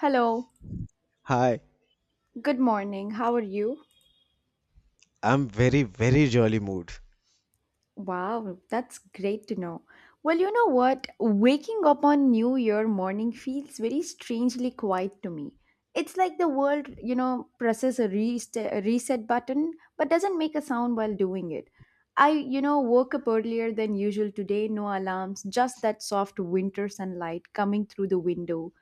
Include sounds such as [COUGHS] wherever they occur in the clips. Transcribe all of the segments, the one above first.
Hello, Hi, good morning. How are you? I'm very, very jolly mood. Wow, that's great to know. Well, you know what? Waking up on New Year morning feels very strangely quiet to me. It's like the world, presses a reset button but doesn't make a sound while doing it. I woke up earlier than usual today, no alarms, just that soft winter sunlight coming through the window.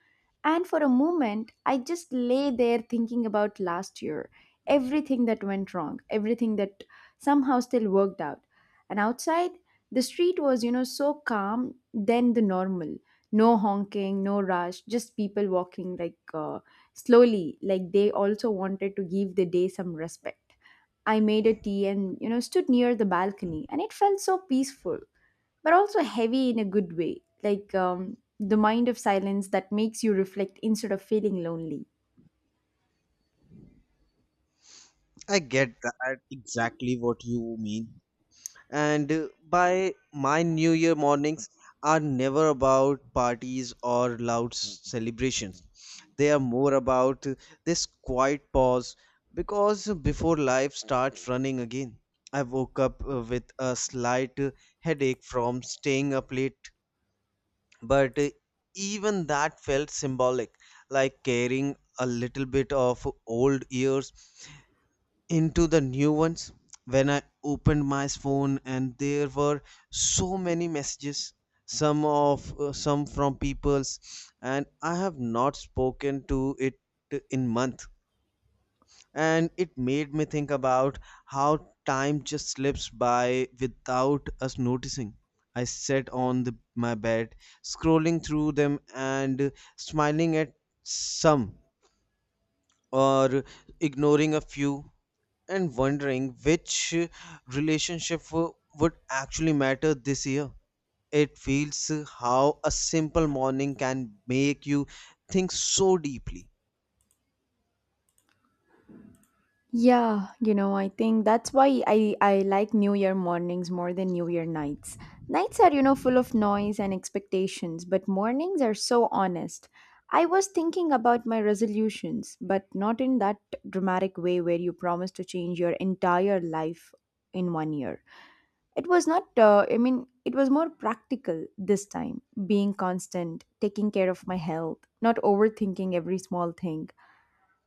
And for a moment, I just lay there thinking about last year, everything that went wrong, everything that somehow still worked out. And outside, the street was, so calm than the normal. No honking, no rush, just people walking like slowly, like they also wanted to give the day some respect. I made a tea and, stood near the balcony, and it felt so peaceful, but also heavy in a good way, like the mind of silence that makes you reflect instead of feeling lonely. I get that exactly what you mean. And by my New Year mornings are never about parties or loud celebrations. They are more about this quiet pause because before life starts running again. I woke up with a slight headache from staying up late but even that felt symbolic, like carrying a little bit of old years into the new ones when I opened my phone and there were so many messages, some from peoples and I have not spoken to it in month, and it made me think about how time just slips by without us noticing. I sat on my bed, scrolling through them and smiling at some or ignoring a few and wondering which relationship would actually matter this year. It feels how a simple morning can make you think so deeply. Yeah, I think that's why I like New Year mornings more than New Year nights. Nights are, full of noise and expectations, but mornings are so honest. I was thinking about my resolutions, but not in that dramatic way where you promise to change your entire life in one year. It was not, I mean, it was more practical this time, being constant, taking care of my health, not overthinking every small thing.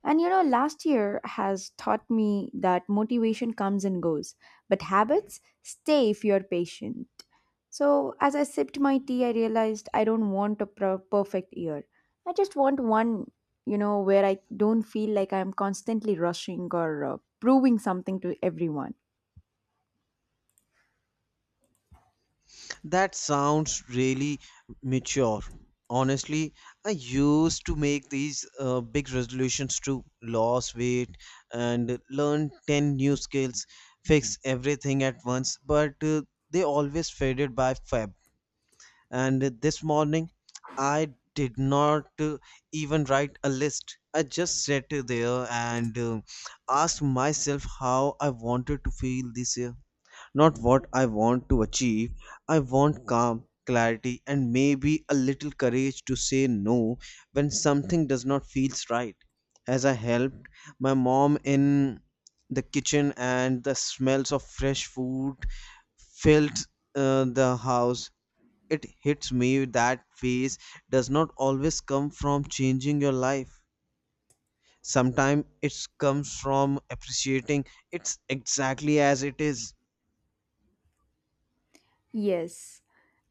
And last year has taught me that motivation comes and goes, but habits stay if you're patient. So, as I sipped my tea, I realized I don't want a perfect year. I just want one, where I don't feel like I'm constantly rushing or proving something to everyone. That sounds really mature. Honestly, I used to make these big resolutions to lose weight and learn 10 new skills, fix everything at once, but they always faded by Feb. And this morning, I did not even write a list. I just sat there and asked myself how I wanted to feel this year, not what I want to achieve. I want calm, clarity, and maybe a little courage to say no when something does not feel right. As I helped my mom in the kitchen, and the smells of fresh food filled the house. It hits me that phase does not always come from changing your life. Sometimes it comes from appreciating it's exactly as it is. Yes.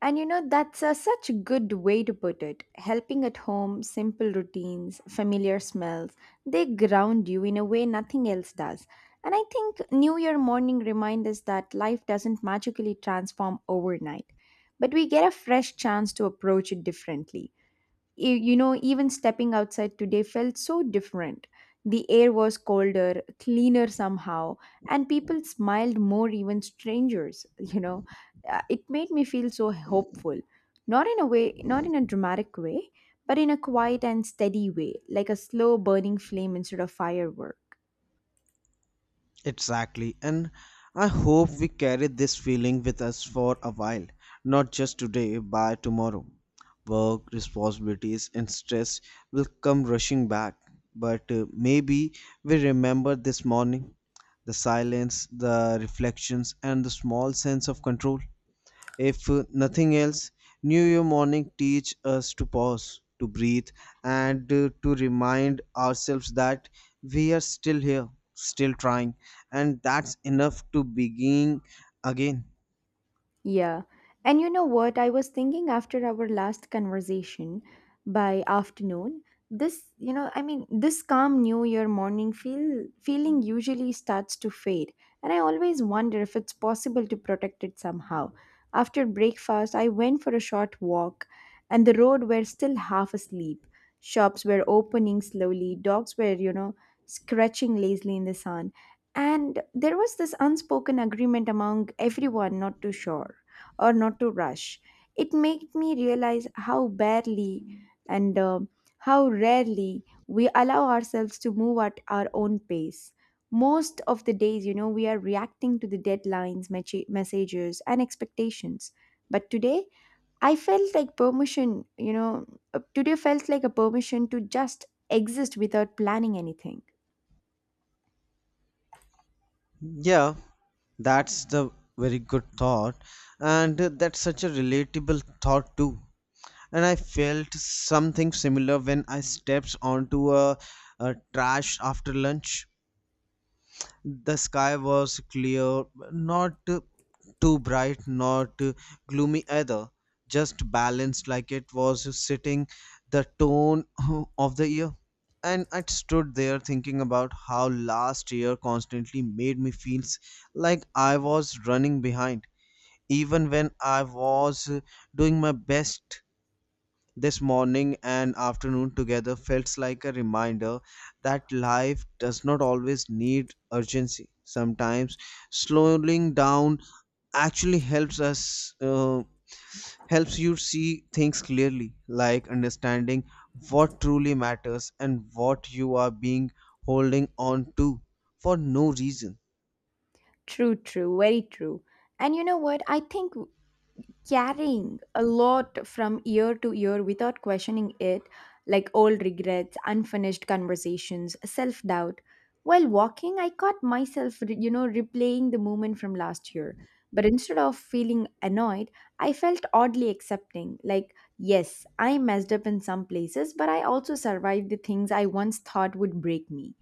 And that's such a good way to put it. Helping at home, simple routines, familiar smells, they ground you in a way nothing else does. And I think New Year morning reminds us that life doesn't magically transform overnight, but we get a fresh chance to approach it differently. Even stepping outside today felt so different. The air was colder, cleaner somehow, and people smiled more, even strangers. [LAUGHS] It made me feel so hopeful. Not in a way, not in a dramatic way, but in a quiet and steady way, like a slow burning flame instead of firework. Exactly. And I hope we carry this feeling with us for a while, not just today, but tomorrow. Work, responsibilities, and stress will come rushing back. But maybe we remember this morning, the silence, the reflections, and the small sense of control. If nothing else, New Year morning teach us to pause, to breathe, and to remind ourselves that we are still here, still trying, and that's enough to begin again. Yeah. And you know what? I was thinking after our last conversation by afternoon, this, I mean, this calm New Year morning feeling usually starts to fade. And I always wonder if it's possible to protect it somehow. After breakfast, I went for a short walk, and the road were still half asleep. Shops were opening slowly, dogs were, scratching lazily in the sun, and there was this unspoken agreement among everyone not to shore or not to rush. It made me realize how barely and how rarely we allow ourselves to move at our own pace. Most of the days, we are reacting to the deadlines, messages, and expectations. But today, I felt like permission, you know, today felt like a permission to just exist without planning anything. Yeah, that's the very good thought, and that's such a relatable thought too. And I felt something similar when I stepped onto a trash after lunch. The sky was clear, not too bright, not gloomy either, just balanced like it was sitting the tone [LAUGHS] of the year. And I stood there thinking about how last year constantly made me feel like I was running behind, even when I was doing my best. This morning and afternoon together felt like a reminder that life does not always need urgency. Sometimes slowing down actually helps you see things clearly, like understanding what truly matters and what you are being holding on to for no reason. True, true, very true. And you know what? I think carrying a lot from year to year without questioning it, like old regrets, unfinished conversations, self doubt. While walking, I caught myself, replaying the moment from last year. But instead of feeling annoyed, I felt oddly accepting. Like, yes, I messed up in some places, but I also survived the things I once thought would break me.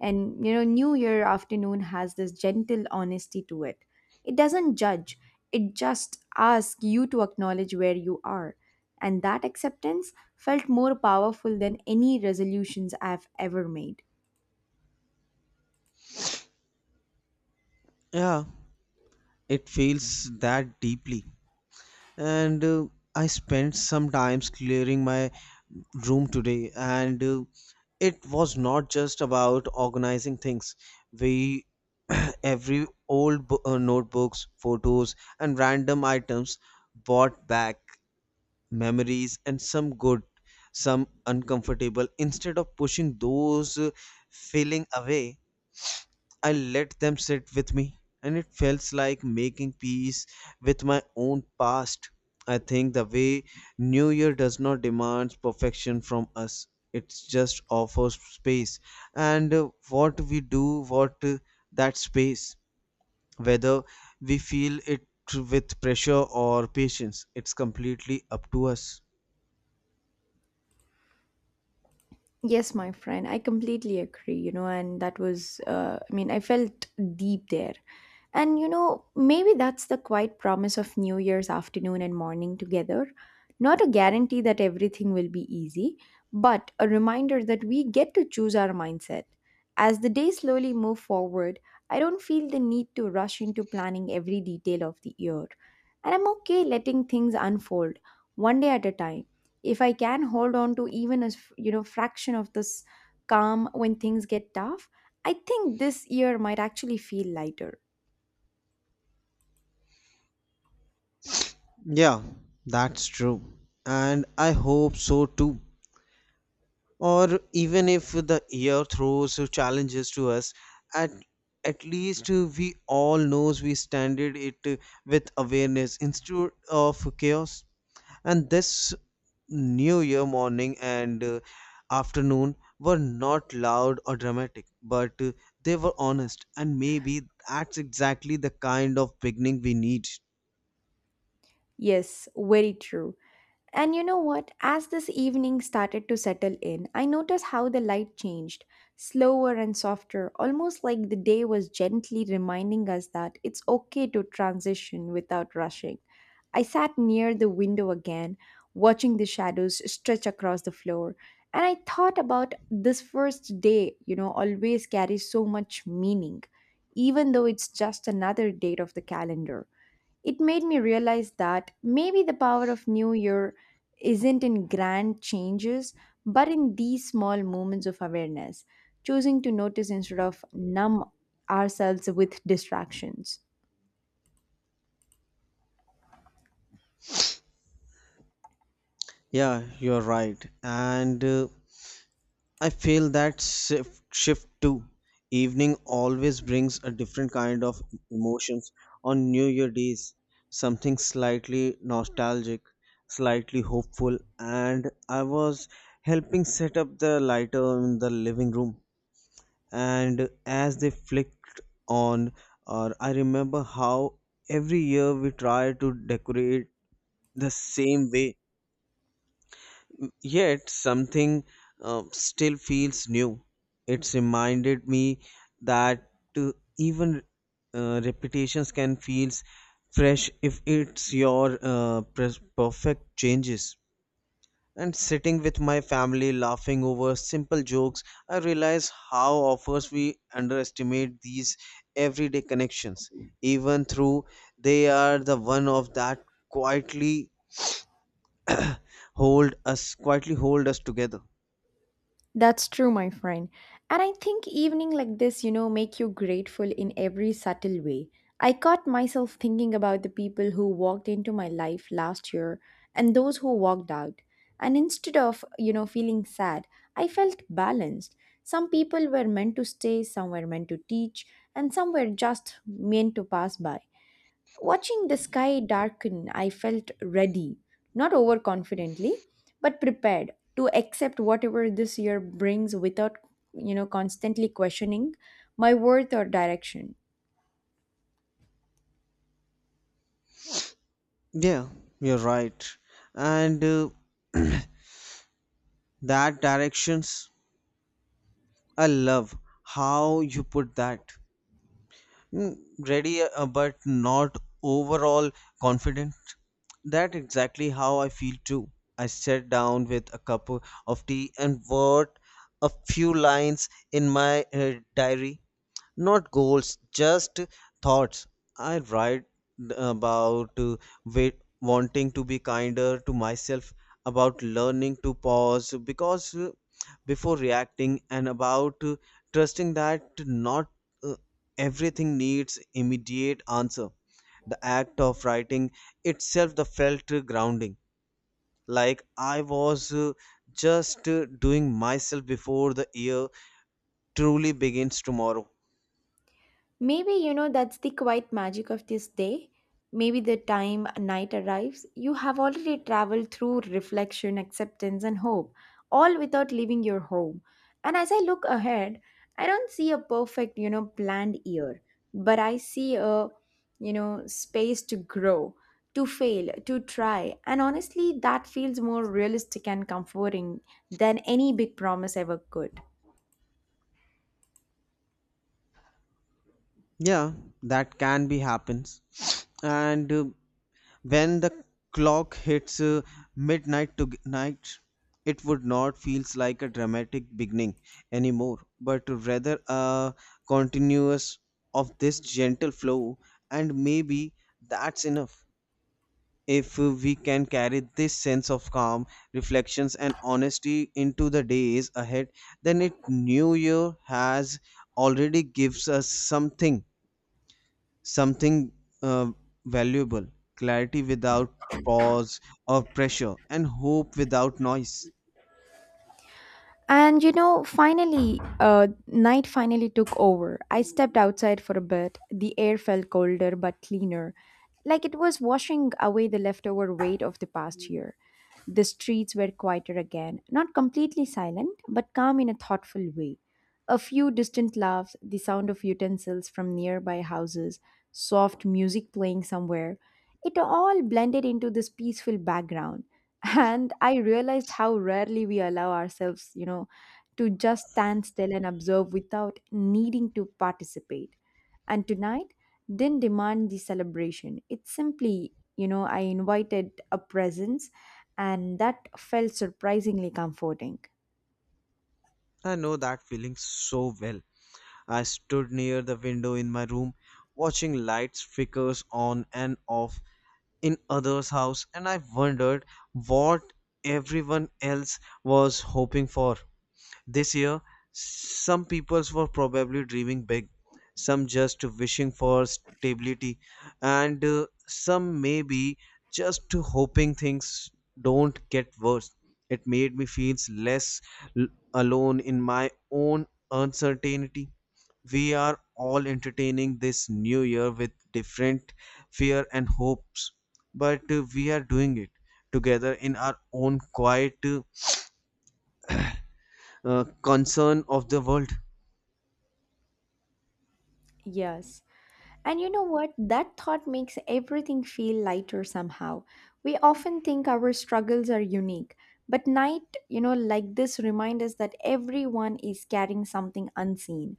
And New Year afternoon has this gentle honesty to it. It doesn't judge, it just asks you to acknowledge where you are. And that acceptance felt more powerful than any resolutions I've ever made. Yeah, it feels that deeply and I spent some times clearing my room today and it was not just about organizing things we [CLEARS THROAT] every old notebooks, photos, and random items brought back memories, and some good, some uncomfortable. Instead of pushing those feeling away, I let them sit with me, and it felt like making peace with my own past. I think the way New Year does not demand perfection from us, it just offers space. And what we do, what that space, whether we feel it with pressure or patience, it's completely up to us. Yes, my friend, I completely agree, and I mean, I felt deep there. And maybe that's the quiet promise of New Year's afternoon and morning together. Not a guarantee that everything will be easy, but a reminder that we get to choose our mindset. As the days slowly move forward, I don't feel the need to rush into planning every detail of the year. And I'm okay letting things unfold one day at a time. If I can hold on to even a fraction of this calm when things get tough, I think this year might actually feel lighter. Yeah, that's true. And I hope so too. Or even if the year throws challenges to us at at least we all knows we standard it with awareness instead of chaos. And this new year morning and afternoon were not loud or dramatic but they were honest, and maybe that's exactly the kind of beginning we need. Yes, very true. And you know what? As this evening started to settle in, I noticed how the light changed, slower and softer, almost like the day was gently reminding us that it's okay to transition without rushing. I sat near the window again, watching the shadows stretch across the floor, and I thought about this first day, always carries so much meaning, even though it's just another date of the calendar. It made me realize that maybe the power of New Year isn't in grand changes, but in these small moments of awareness, choosing to notice instead of numb ourselves with distractions. Yeah you're right and uh, I feel that shift too. Evening always brings a different kind of emotions. On New Year days, something slightly nostalgic, slightly hopeful, and I was helping set up the lighter in the living room. And as they flicked on, or I remember how every year we try to decorate the same way yet something still feels new. It's reminded me that uh, even repetitions can feel fresh if it's your perfect changes. And sitting with my family laughing over simple jokes, I realize how offers we underestimate these everyday connections, even through they are the one of that quietly quietly hold us together. That's true, my friend. And I think evening like this, make you grateful in every subtle way. I caught myself thinking about the people who walked into my life last year and those who walked out. And instead of, feeling sad, I felt balanced. Some people were meant to stay, some were meant to teach, and some were just meant to pass by. Watching the sky darken, I felt ready, not overconfidently, but prepared to accept whatever this year brings without, constantly questioning my worth or direction. Yeah, you're right. And [CLEARS THROAT] that directions, I love how you put that. Mm, ready, but not overall confident. That exactly how I feel too. I sat down with a cup of tea and wrote a few lines in my diary. Not goals, just thoughts. I write about wanting to be kinder to myself, about learning to pause because before reacting, and about trusting that not uh, everything needs immediate answer. The act of writing itself, the felt grounding, like I was just doing myself before the year truly begins tomorrow. Maybe that's the quiet magic of this day. Maybe the time night arrives, you have already traveled through reflection, acceptance, and hope, all without leaving your home. And as I look ahead, I don't see a perfect, planned year, but I see a, space to grow, to fail, to try. And honestly, that feels more realistic and comforting than any big promise ever could. Yeah, that can be happens. [SNIFFS] And when the clock hits midnight to night, it would not feels like a dramatic beginning anymore, but rather a continuous of this gentle flow. And maybe that's enough if we can carry this sense of calm, reflections, and honesty into the days ahead. Then it new year has already gives us something uh, valuable, clarity without pause or pressure, and hope without noise. And finally, night finally took over. I stepped outside for a bit. The air felt colder but cleaner, like it was washing away the leftover weight of the past year. The streets were quieter again, not completely silent, but calm in a thoughtful way. A few distant laughs, the sound of utensils from nearby houses, soft music playing somewhere. It all blended into this peaceful background, and I realized how rarely we allow ourselves to just stand still and observe without needing to participate. And tonight didn't demand the celebration. It simply I invited a presence, and that felt surprisingly comforting. I know that feeling so well. I stood near the window in my room, watching lights flickers on and off in others' house, and I wondered what everyone else was hoping for. This year, some people were probably dreaming big, some just wishing for stability, and some maybe just hoping things don't get worse. It made me feel less l- alone in my own uncertainty. We are all entertaining this new year with different fear and hopes, but we are doing it together in our own quiet concern of the world. Yes. And you know what? That thought makes everything feel lighter somehow. We often think our struggles are unique, but night, like this remind us that everyone is carrying something unseen.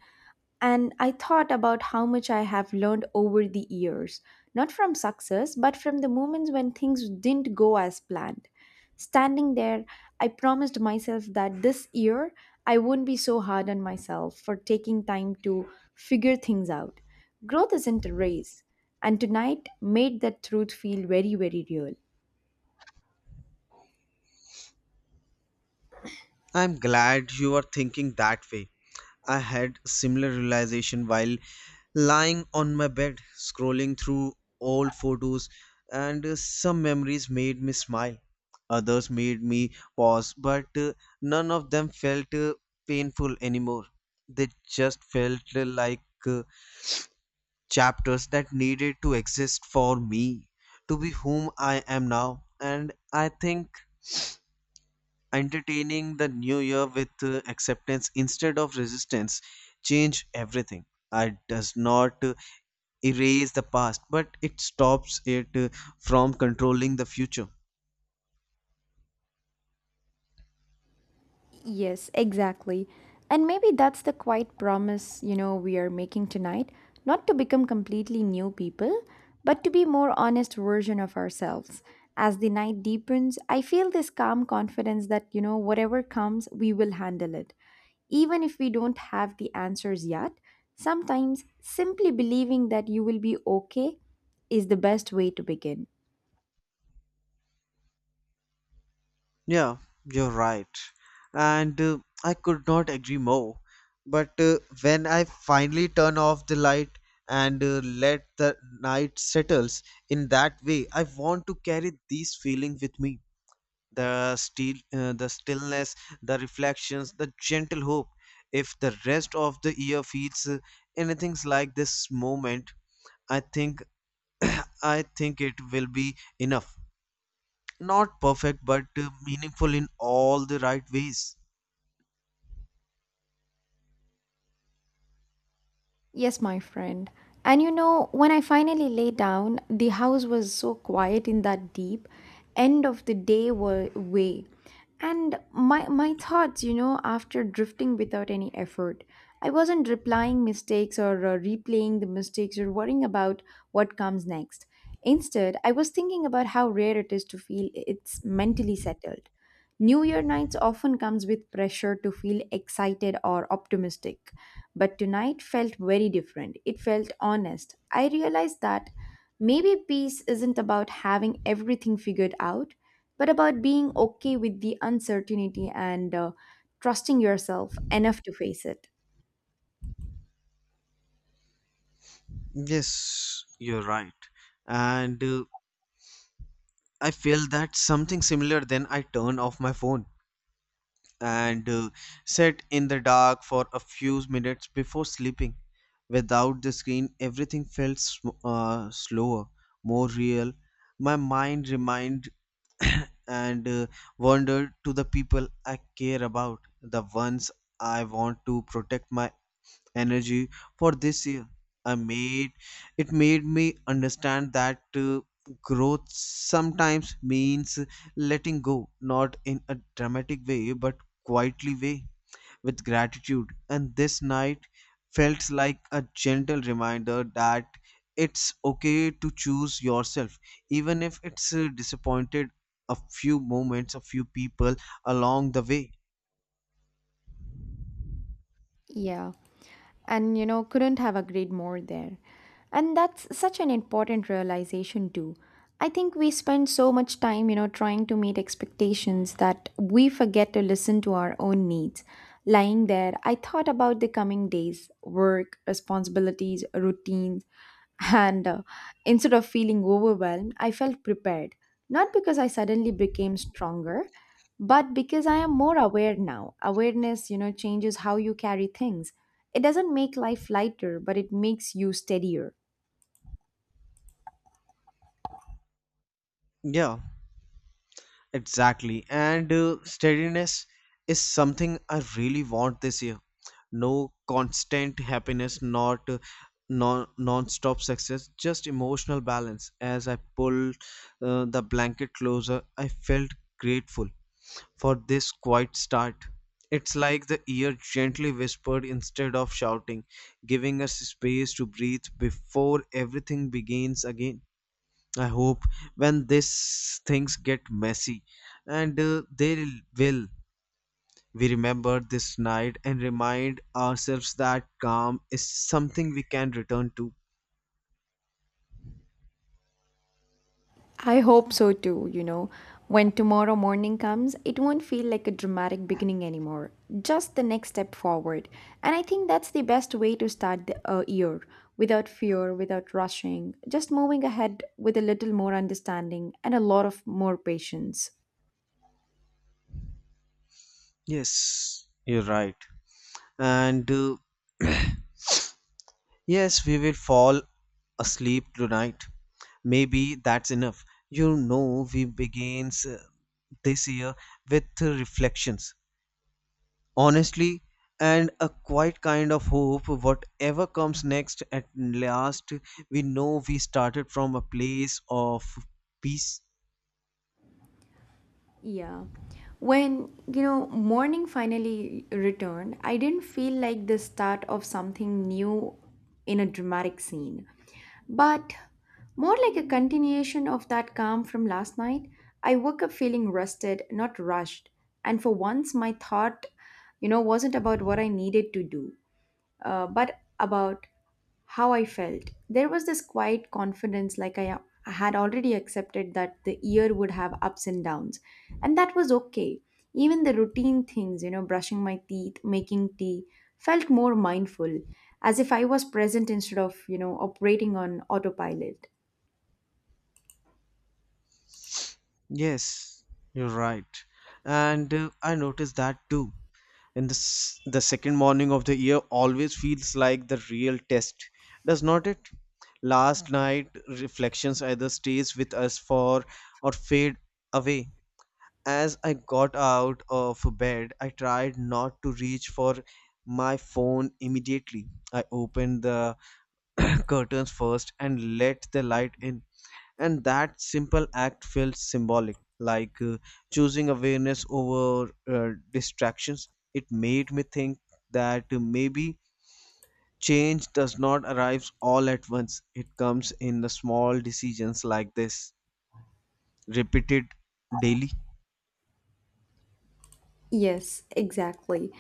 And I thought about how much I have learned over the years, not from success, but from the moments when things didn't go as planned. Standing there, I promised myself that this year I wouldn't be so hard on myself for taking time to figure things out. Growth isn't a race, and tonight made that truth feel very, very real. I'm glad you are thinking that way. I had similar realization while lying on my bed scrolling through old photos and some memories made me smile. Others made me pause, but none of them felt painful anymore. They just felt like chapters that needed to exist for me to be whom I am now. And I think entertaining the new year with acceptance instead of resistance change everything. It does not erase the past, but it stops it from controlling the future. Yes, exactly. And maybe that's the quiet promise, we are making tonight, not to become completely new people, but to be more honest version of ourselves. As the night deepens, I feel this calm confidence that, whatever comes, we will handle it. Even if we don't have the answers yet, sometimes simply believing that you will be okay is the best way to begin. Yeah you're right and uh, I could not agree more, but when I finally turn off the light and let the night settles in that way, I want to carry these feeling with me, the still the stillness, the reflections, the gentle hope. If the rest of the year feels anything like this moment, I think [CLEARS THROAT] I think it will be enough, not perfect but meaningful in all the right ways. Yes, my friend. And when I finally lay down, the house was so quiet in that deep end of the day way. And my thoughts, after drifting without any effort, I wasn't replying mistakes or replaying the mistakes or worrying about what comes next. Instead, I was thinking about how rare it is to feel it's mentally settled. New Year nights often comes with pressure to feel excited or optimistic but tonight felt very different. It felt honest. I realized that maybe peace isn't about having everything figured out, but about being okay with the uncertainty and trusting yourself enough to face it. Yes, you're right. And I feel that something similar then I turn off my phone and sit in the dark for a few minutes before sleeping. Without the screen, everything felt slower, more real. My mind remind [COUGHS] [CLEARS THROAT] and wandered to the people I care about, the ones I want to protect my energy for this year. I made It made me understand that growth sometimes means letting go, not in a dramatic way, but quietly way with gratitude. And this night felt like a gentle reminder that it's okay to choose yourself, even if it's disappointed a few moments, a few people along the way. Yeah. And couldn't have agreed more there. And that's such an important realization, too. I think we spend so much time, trying to meet expectations that we forget to listen to our own needs. Lying there, I thought about the coming days, work, responsibilities, routines, [LAUGHS] and instead of feeling overwhelmed, I felt prepared. Not because I suddenly became stronger, but because I am more aware now. Awareness, you know, changes how you carry things. It doesn't make life lighter, but it makes you steadier. Yeah. Exactly. And steadiness is something I really want this year. No constant happiness, not non-stop success, just emotional balance. As I pulled the blanket closer, I felt grateful for this quiet start. It's like the ear gently whispered instead of shouting, giving us space to breathe before everything begins again. I hope when these things get messy, and they will, we remember this night and remind ourselves that calm is something we can return to. I hope so too. You know, when tomorrow morning comes, it won't feel like a dramatic beginning anymore, just the next step forward. And I think that's the best way to start the year, without fear, without rushing, just moving ahead with a little more understanding and a lot of more patience. Yes, you're right. And yes, we will fall asleep tonight. Maybe that's enough. You know, we begins this year with reflections, honestly, and a quiet kind of hope. Whatever comes next, at last, we know we started from a place of peace. Yeah. When, you know, morning finally returned, I didn't feel like the start of something new in a dramatic scene, but more like a continuation of that calm from last night. I woke up feeling rested, not rushed, and for once my thought, you know, wasn't about what I needed to do, but about how I felt. There was this quiet confidence, like I had already accepted that the year would have ups and downs, and that was okay. Even the routine things, you know, brushing my teeth, making tea, felt more mindful, as if I was present instead of, you know, operating on autopilot. Yes, you're right. And I noticed that too. And the second morning of the year always feels like the real test, does not it? Last night reflections either stays with us for or fade away. As I got out of bed, I tried not to reach for my phone immediately. I opened the [COUGHS] [CLEARS THROAT] curtains first and let the light in, and that simple act felt symbolic, like choosing awareness over distractions. It made me think that maybe change does not arrive all at once, it comes in the small decisions like this, repeated daily. Yes, exactly.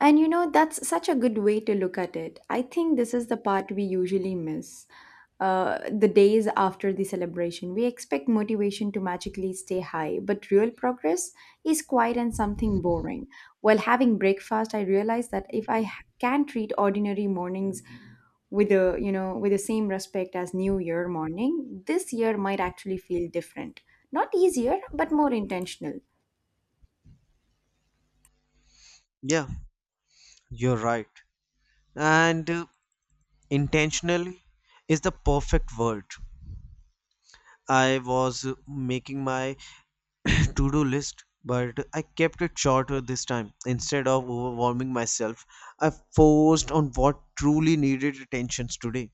And you know, that's such a good way to look at it. I think this is the part we usually miss. The days after the celebration, we expect motivation to magically stay high, but real progress is quiet and something boring. While having breakfast, I realized that if can treat ordinary mornings with the, you know, with the same respect as New Year morning, this year might actually feel different. Not easier, but more intentional. Yeah, you're right. And intentionally is the perfect word. I was making my [COUGHS] [CLEARS THROAT] to-do list, but I kept it shorter this time. Instead of overwhelming myself, I focused on what truly needed attention today.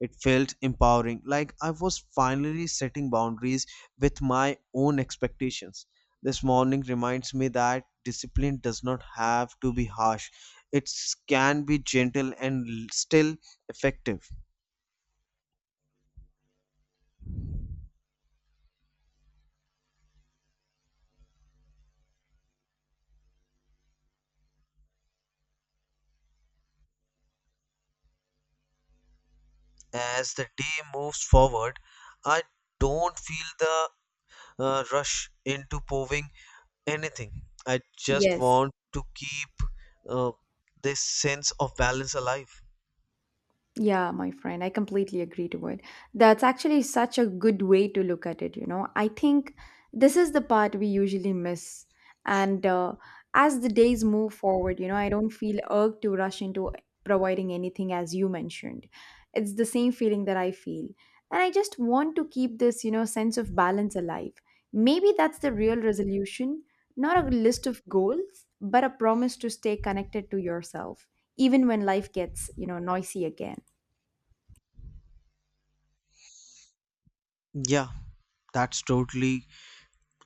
It felt empowering, like I was finally setting boundaries with my own expectations. This morning reminds me that discipline does not have to be harsh, it can be gentle and still effective. As the day moves forward, I don't feel the rush into proving anything. I just Yes. want to keep uh, this sense of balance alive. Yeah, my friend, I completely agree to it. That's actually such a good way to look at it, you know. I think this is the part we usually miss. And as the days move forward, you know, I don't feel urged to rush into providing anything as you mentioned. It's the same feeling that I feel. And I just want to keep this, you know, sense of balance alive. Maybe that's the real resolution, not a list of goals, but a promise to stay connected to yourself, even when life gets, you know, noisy again. Yeah, that's totally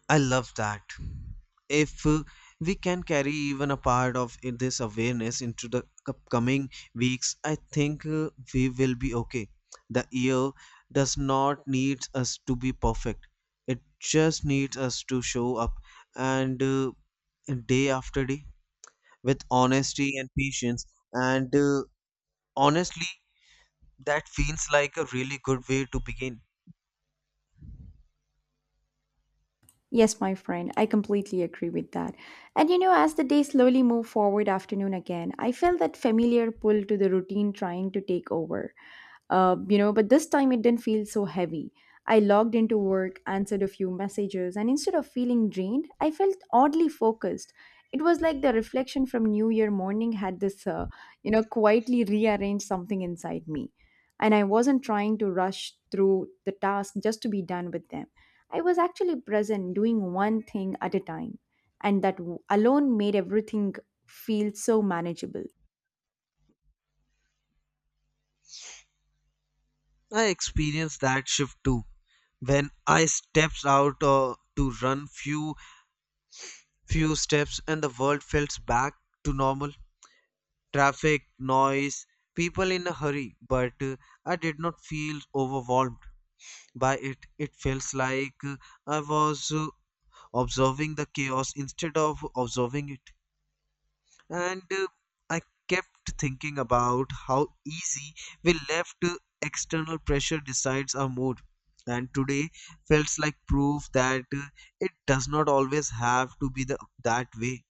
I love that. If we can carry even a part of this awareness into the upcoming weeks, I think we will be okay. The year does not need us to be perfect, it just needs us to show up and day after day with honesty and patience. And honestly, that feels like a really good way to begin. Yes, my friend, I completely agree with that. And you know, as the day slowly moved forward afternoon again, I felt that familiar pull to the routine trying to take over. You know, but this time it didn't feel so heavy. I logged into work, answered a few messages, and instead of feeling drained, I felt oddly focused. It was like the reflection from New Year morning had you know, quietly rearranged something inside me. And I wasn't trying to rush through the task just to be done with them. I was actually present, doing one thing at a time. And alone made everything feel so manageable. I experienced that shift too. When I stepped out to run few steps and the world felt back to normal. Traffic, noise, people in a hurry, but I did not feel overwhelmed by it. It feels like I was observing the chaos instead of observing it. And I kept thinking about how easy we left external pressure decides our mood, and today felt like proof that it does not always have to be that way.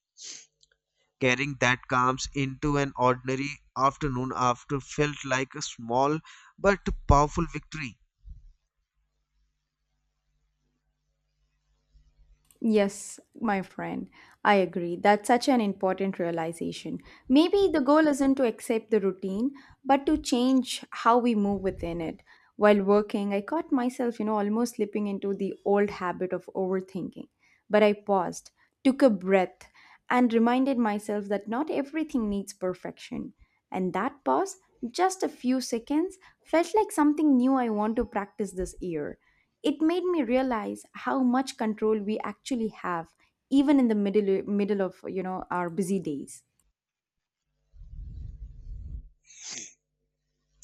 Carrying that calms into an ordinary afternoon after felt like a small but powerful victory. Yes, my friend, I agree. That's such an important realization. Maybe the goal isn't to accept the routine, but to change how we move within it. While working, I caught myself, you know, almost slipping into the old habit of overthinking. But I paused, took a breath, and reminded myself that not everything needs perfection. And that pause, just a few seconds, felt like something new I want to practice this year. It made me realize how much control we actually have even in the middle of, you know, our busy days.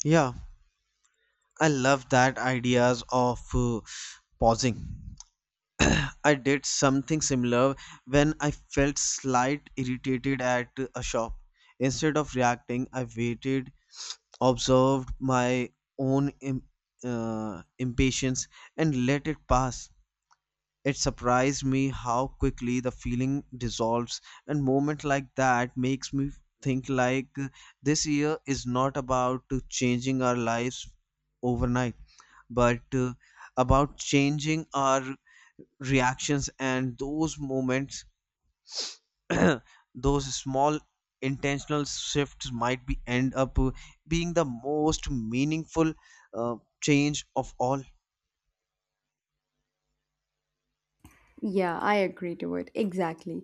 Yeah, I love that ideas of pausing. I did something similar when I felt slight irritated at a shop. Instead of reacting, I waited, observed my own impatience, and let it pass. It surprised me how quickly the feeling dissolves, and moment like that makes me think like this year is not about to changing our lives overnight but about changing our reactions, and those moments [CLEARS THROAT] those small intentional shifts might be end up being the most meaningful uh, change of all. Yeah, I agree to it. Exactly.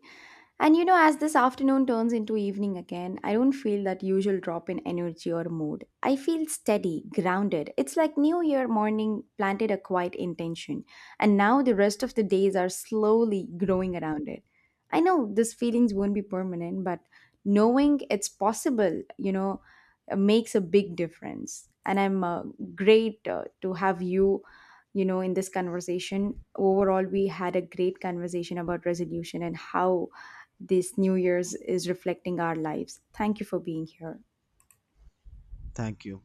And you know, as this afternoon turns into evening again, I don't feel that usual drop in energy or mood. I feel steady, grounded. It's like New Year morning planted a quiet intention, and now the rest of the days are slowly growing around it. I know these feelings won't be permanent, but knowing it's possible, you know, makes a big difference. And I'm great to have you, you know, in this conversation. Overall, we had a great conversation about resolution and how this new year's is reflecting our lives. Thank you for being here. Thank you.